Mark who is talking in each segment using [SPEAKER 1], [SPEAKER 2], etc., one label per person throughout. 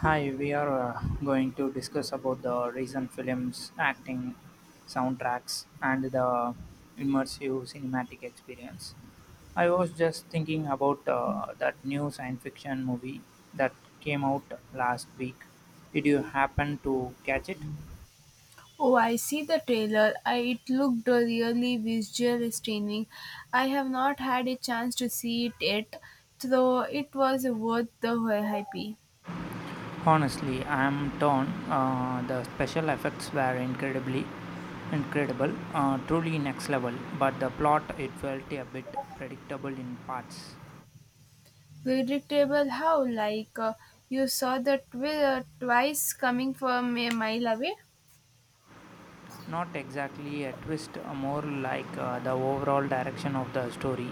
[SPEAKER 1] Hi, we are going to discuss about the recent films, acting, soundtracks, and the immersive cinematic experience. I was just thinking about that new science fiction movie that came out last week. Did you happen to catch it?
[SPEAKER 2] Oh, I see the trailer. I, it looked really visually stunning. I have not had a chance to see it yet, though it was worth the hype.
[SPEAKER 1] Honestly, I am torn. The special effects were incredibly incredible, truly next level, but the plot it felt a bit predictable in parts.
[SPEAKER 2] Predictable how, like, you saw the twice coming from a mile away.
[SPEAKER 1] Not exactly a twist, more like the overall direction of the story.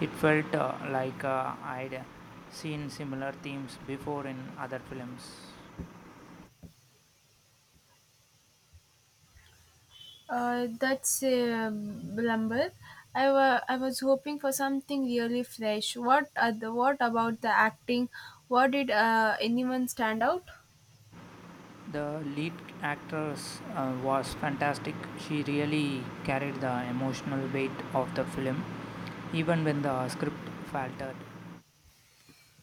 [SPEAKER 1] It felt like I'd seen similar themes before in other films.
[SPEAKER 2] That's a blumber. I was hoping for something really fresh. What about the acting? What did anyone stand out?
[SPEAKER 1] The lead actress was fantastic. She really carried the emotional weight of the film, even when the script faltered.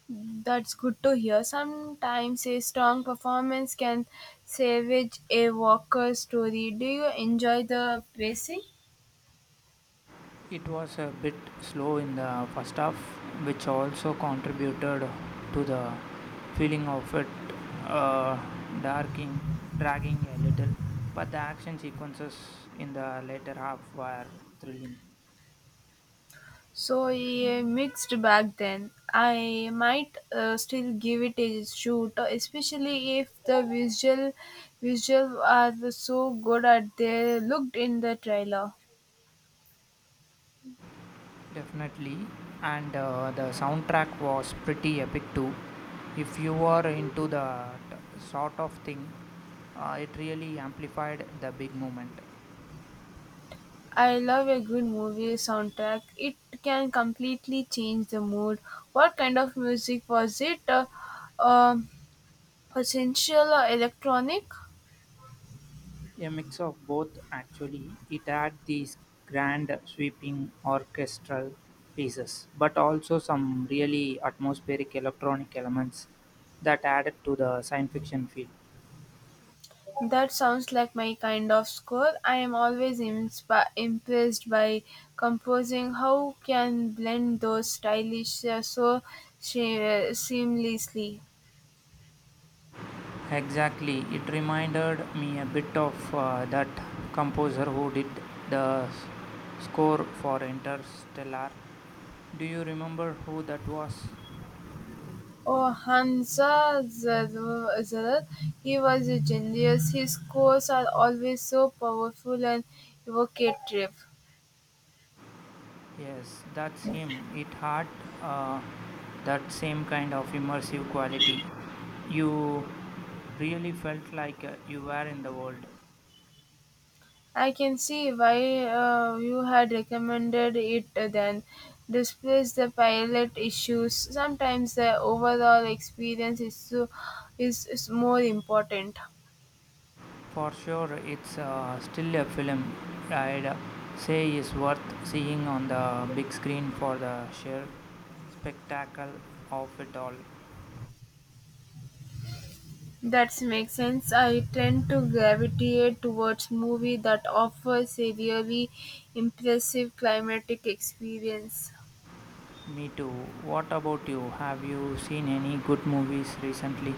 [SPEAKER 2] That's good to hear. Sometimes a strong performance can salvage a Walker story. Do you enjoy the pacing?
[SPEAKER 1] It was a bit slow in the first half, which also contributed to the feeling of it uh, darking, dragging a little. But the action sequences in the later half were thrilling,
[SPEAKER 2] So a mixed bag then. I might still give it a shoot, especially if the visual are so good as they looked in the trailer.
[SPEAKER 1] definitely. And the soundtrack was pretty epic too. If you are into the sort of thing, it really amplified the big moment.
[SPEAKER 2] I love a good movie soundtrack. It can completely change the mood. What kind of music was it? Um, Potential or electronic?
[SPEAKER 1] A mix of both, actually; it had these grand, sweeping orchestral pieces, but also some really atmospheric electronic elements that added to the science fiction feel.
[SPEAKER 2] That sounds like my kind of score. I am always impressed by composing how can blend those stylish so seamlessly.
[SPEAKER 1] Exactly, it reminded me a bit of that composer who did the s- score for Interstellar. Do you remember who that was?
[SPEAKER 2] Oh, Hansa Zarer, he was a genius. His scores are always so powerful and evocative.
[SPEAKER 1] Yes, that's him. It had uh, that same kind of immersive quality. You really felt like you were in the world.
[SPEAKER 2] I can see why you had recommended it then. Despite the pilot issues, sometimes the overall experience is more important.
[SPEAKER 1] For sure, it's still a film I'd say is worth seeing on the big screen for the sheer spectacle of it all.
[SPEAKER 2] That makes sense. I tend to gravitate towards movie that offers a really impressive climatic experience.
[SPEAKER 1] Me too. What about you? Have you seen any good movies recently?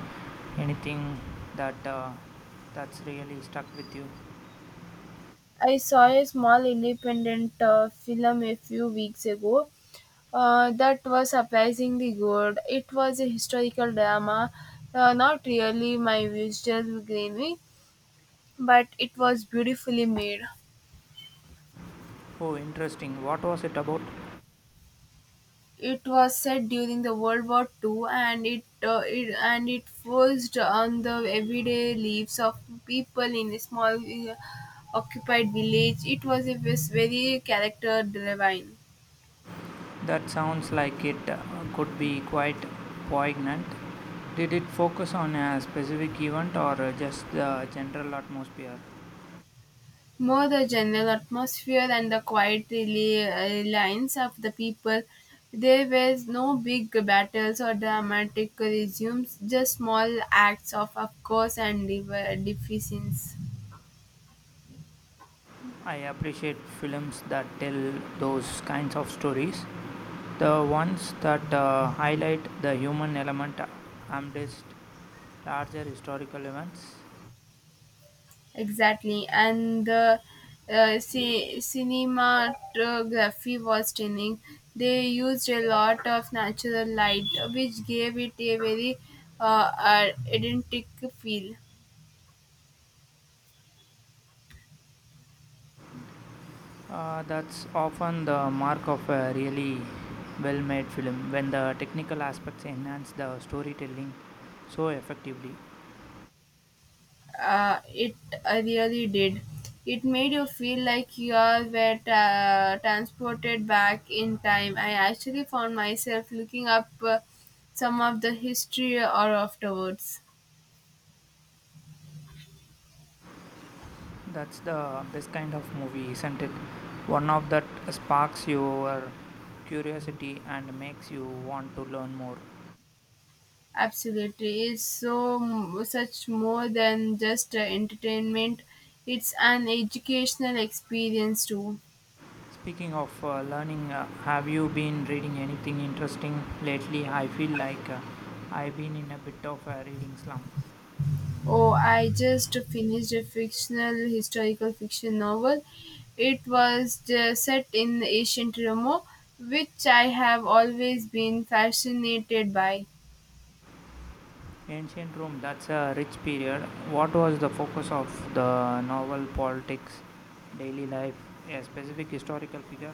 [SPEAKER 1] Anything that uh, that's really stuck with you?
[SPEAKER 2] I saw a small independent film a few weeks ago. That was surprisingly good. It was a historical drama, not really my usual greenery, but it was beautifully made.
[SPEAKER 1] Oh, interesting. What was it about?
[SPEAKER 2] It was set during the World War Two, and it focused on the everyday lives of people in a small occupied village. It was a very character driven.
[SPEAKER 1] That sounds like it could be quite poignant. Did it focus on a specific event or just the general atmosphere?
[SPEAKER 2] More the general atmosphere and the quiet reliance of the people. There were no big battles or dramatic resumes, just small acts of course, and deficiencies.
[SPEAKER 1] I appreciate films that tell those kinds of stories. The ones that highlight the human element amidst larger historical events.
[SPEAKER 2] Exactly, and the cinematography was stunning. They used a lot of natural light, which gave it a very identical feel.
[SPEAKER 1] That's often the mark of a really well made film when the technical aspects enhance the storytelling so effectively.
[SPEAKER 2] It really did. It made you feel like you are were transported back in time. I actually found myself looking up some of the history or afterwards.
[SPEAKER 1] That's the best kind of movie, isn't it? One of that sparks your curiosity and makes you want to learn more.
[SPEAKER 2] Absolutely, such more than just entertainment. It's an educational experience too.
[SPEAKER 1] Speaking of learning, have you been reading anything interesting lately? I feel like I've been in a bit of a reading slump.
[SPEAKER 2] Oh, I just finished a fictional historical fiction novel. It was set in ancient Rome, which I have always been fascinated by.
[SPEAKER 1] Ancient Rome, that's a rich period. What was the focus of the novel politics, daily life, a specific historical figure?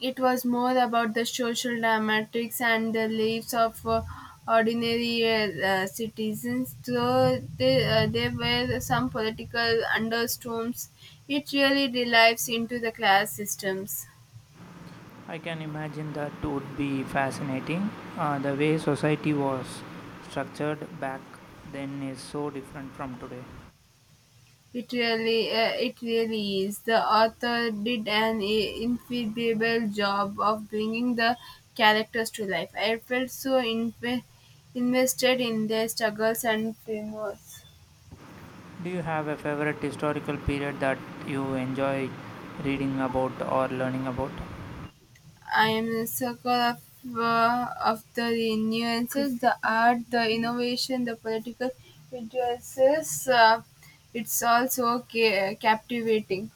[SPEAKER 2] It was more about the social dramatics and the lives of ordinary citizens, though there were some political undertones. It really delves into the class systems.
[SPEAKER 1] I can imagine that would be fascinating. The way society was structured back then is so different from today.
[SPEAKER 2] It really is. The author did an incredible job of bringing the characters to life. I felt so invested in their struggles and failures.
[SPEAKER 1] Do you have a favorite historical period that you enjoy reading about or learning about?
[SPEAKER 2] I am a circle of the nuances, the art, the innovation, the political influences. It's also captivating.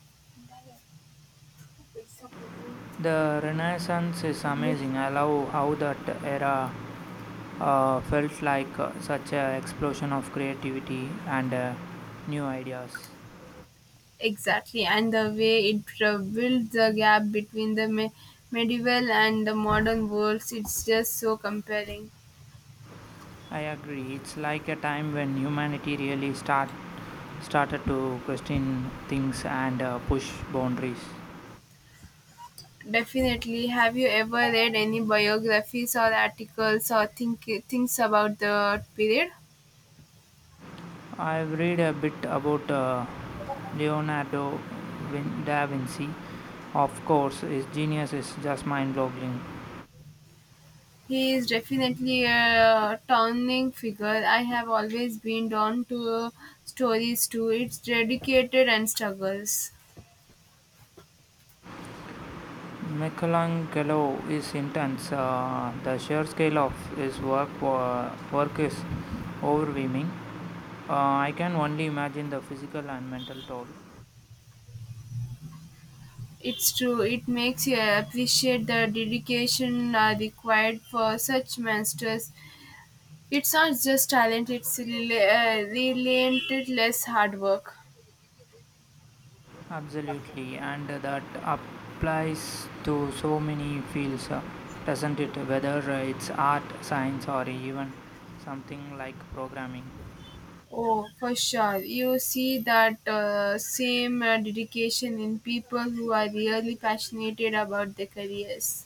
[SPEAKER 1] The Renaissance is amazing. I love how that era felt like such an explosion of creativity and new ideas.
[SPEAKER 2] Exactly, and the way it builds the gap between the medieval and the modern worlds, it's just so compelling.
[SPEAKER 1] I agree. It's like a time when humanity really started to question things and push boundaries.
[SPEAKER 2] Definitely, have you ever read any biographies or articles or think things about the period?
[SPEAKER 1] I've read a bit about Leonardo da Vinci. Of course, his genius is just mind-boggling.
[SPEAKER 2] He is definitely a towering figure. I have always been drawn to stories too. It's dedicated and struggles.
[SPEAKER 1] Michelangelo is intense. The sheer scale of his work is overwhelming. I can only imagine the physical and mental toll.
[SPEAKER 2] It's true. It makes you appreciate the dedication required for such masters. It's not just talent, it's relentless hard work.
[SPEAKER 1] Absolutely, and that applies to so many fields, doesn't it? Whether it's art, science, or even something like programming.
[SPEAKER 2] Oh, for sure. You see that same dedication in people who are really passionate about their careers.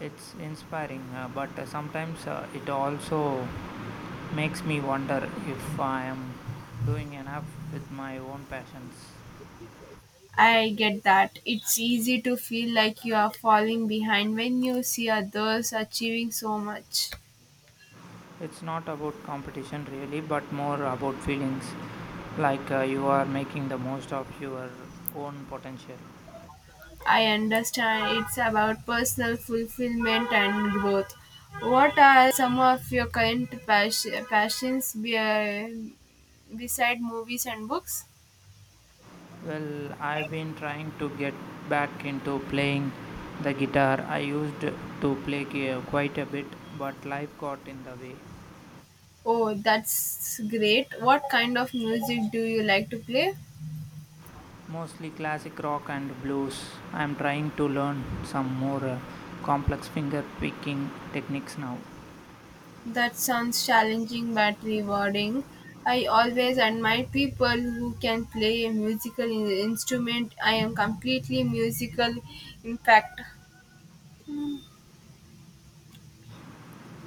[SPEAKER 1] It's inspiring, but sometimes it also makes me wonder if I am doing enough with my own passions.
[SPEAKER 2] I get that. It's easy to feel like you are falling behind when you see others achieving so much.
[SPEAKER 1] It's not about competition really, but more about feelings like you are making the most of your own potential.
[SPEAKER 2] I understand it's about personal fulfillment and growth. What are some of your current passions beside movies and books?
[SPEAKER 1] I've been trying to get back into playing the guitar. I used to play quite a bit, but life got in the way.
[SPEAKER 2] Oh, that's great. What kind of music do you like to play?
[SPEAKER 1] Mostly classic rock and blues. I'm trying to learn some more complex finger picking techniques now.
[SPEAKER 2] That sounds challenging but rewarding. I always admire people who can play a musical instrument. I am completely musical, in fact.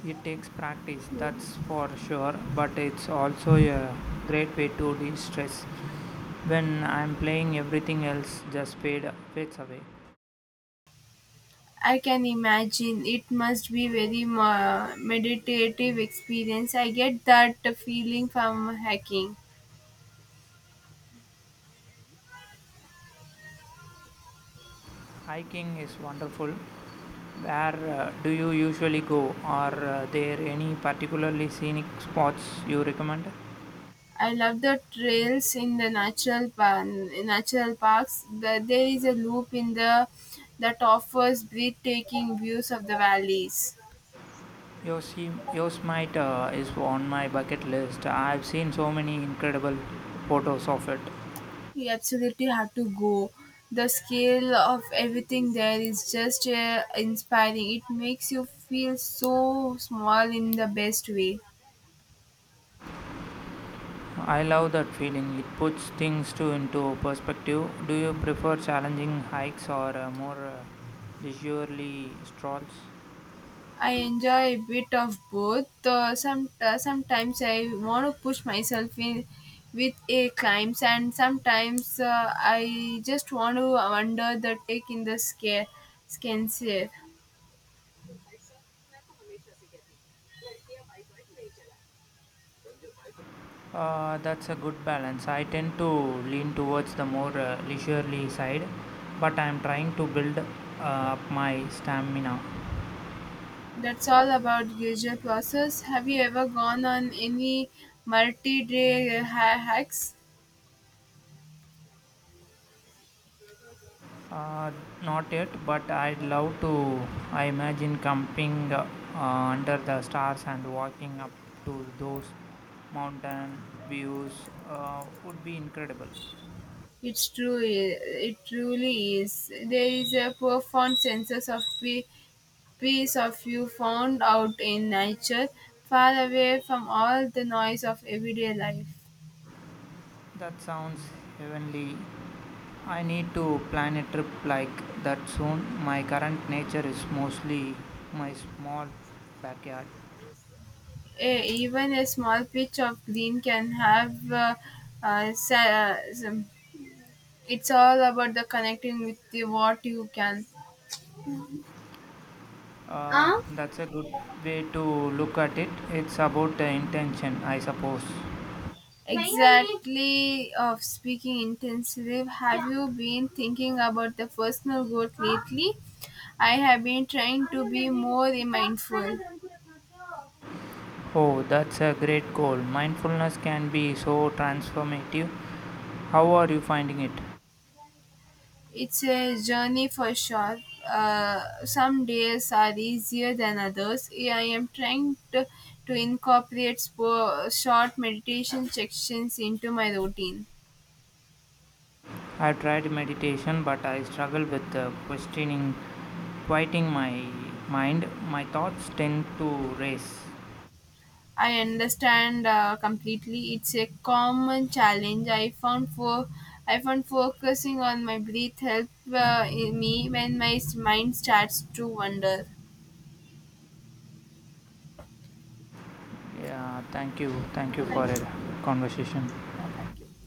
[SPEAKER 1] It takes practice, that's for sure, but it's also a great way to de stress. When I'm playing, everything else just fades away.
[SPEAKER 2] I can imagine it must be very meditative experience. I get that feeling from hiking.
[SPEAKER 1] Hiking is wonderful. Where do you usually go? Are there any particularly scenic spots you recommend?
[SPEAKER 2] I love the trails in the natural parks. There is a loop in the that offers breathtaking views of the valleys.
[SPEAKER 1] Yosemite is on my bucket list. I've seen so many incredible photos of it.
[SPEAKER 2] You absolutely have to go. The scale of everything there is just inspiring. It makes you feel so small in the best way.
[SPEAKER 1] I love that feeling. It puts things to into perspective. Do you prefer challenging hikes or more leisurely strolls?
[SPEAKER 2] I enjoy a bit of both. Sometimes I want to push myself in with a climbs, and sometimes I just want to wander the take in the scare skin safe.
[SPEAKER 1] That's a good balance. I tend to lean towards the more leisurely side, but I am trying to build up my stamina.
[SPEAKER 2] That's all about usual process. Have you ever gone on any multi-day hacks?
[SPEAKER 1] Uh, not yet, but I'd love to. I imagine camping under the stars and walking up to those mountain views would be incredible.
[SPEAKER 2] It's true. It truly is. There is a profound sense of peace. Peace of you found out in nature, far away from all the noise of everyday life.
[SPEAKER 1] That sounds heavenly. I need to plan a trip like that soon. My current nature is mostly my small backyard.
[SPEAKER 2] Eh, even a small patch of green can have uh, sa- uh, some- it's all about the connecting with the what you can
[SPEAKER 1] Uh, that's a good way to look at it. It's about the intention, I suppose.
[SPEAKER 2] exactly of speaking intensely have you been thinking about the personal growth lately I have been trying to be more mindful.
[SPEAKER 1] Oh, that's a great goal. Mindfulness can be so transformative. How are you finding it?
[SPEAKER 2] It's a journey for sure. Some days are easier than others. Yeah, I am trying to incorporate short meditation sections into my routine.
[SPEAKER 1] I tried meditation, but I struggle with quieting my mind. My thoughts tend to race.
[SPEAKER 2] I understand completely. It's a common challenge I found focusing on my breath help in me when my mind starts to wander.
[SPEAKER 1] Yeah, thank you. Thank you for
[SPEAKER 2] Thank
[SPEAKER 1] a
[SPEAKER 2] you.
[SPEAKER 1] conversation.
[SPEAKER 2] Yeah, thank you.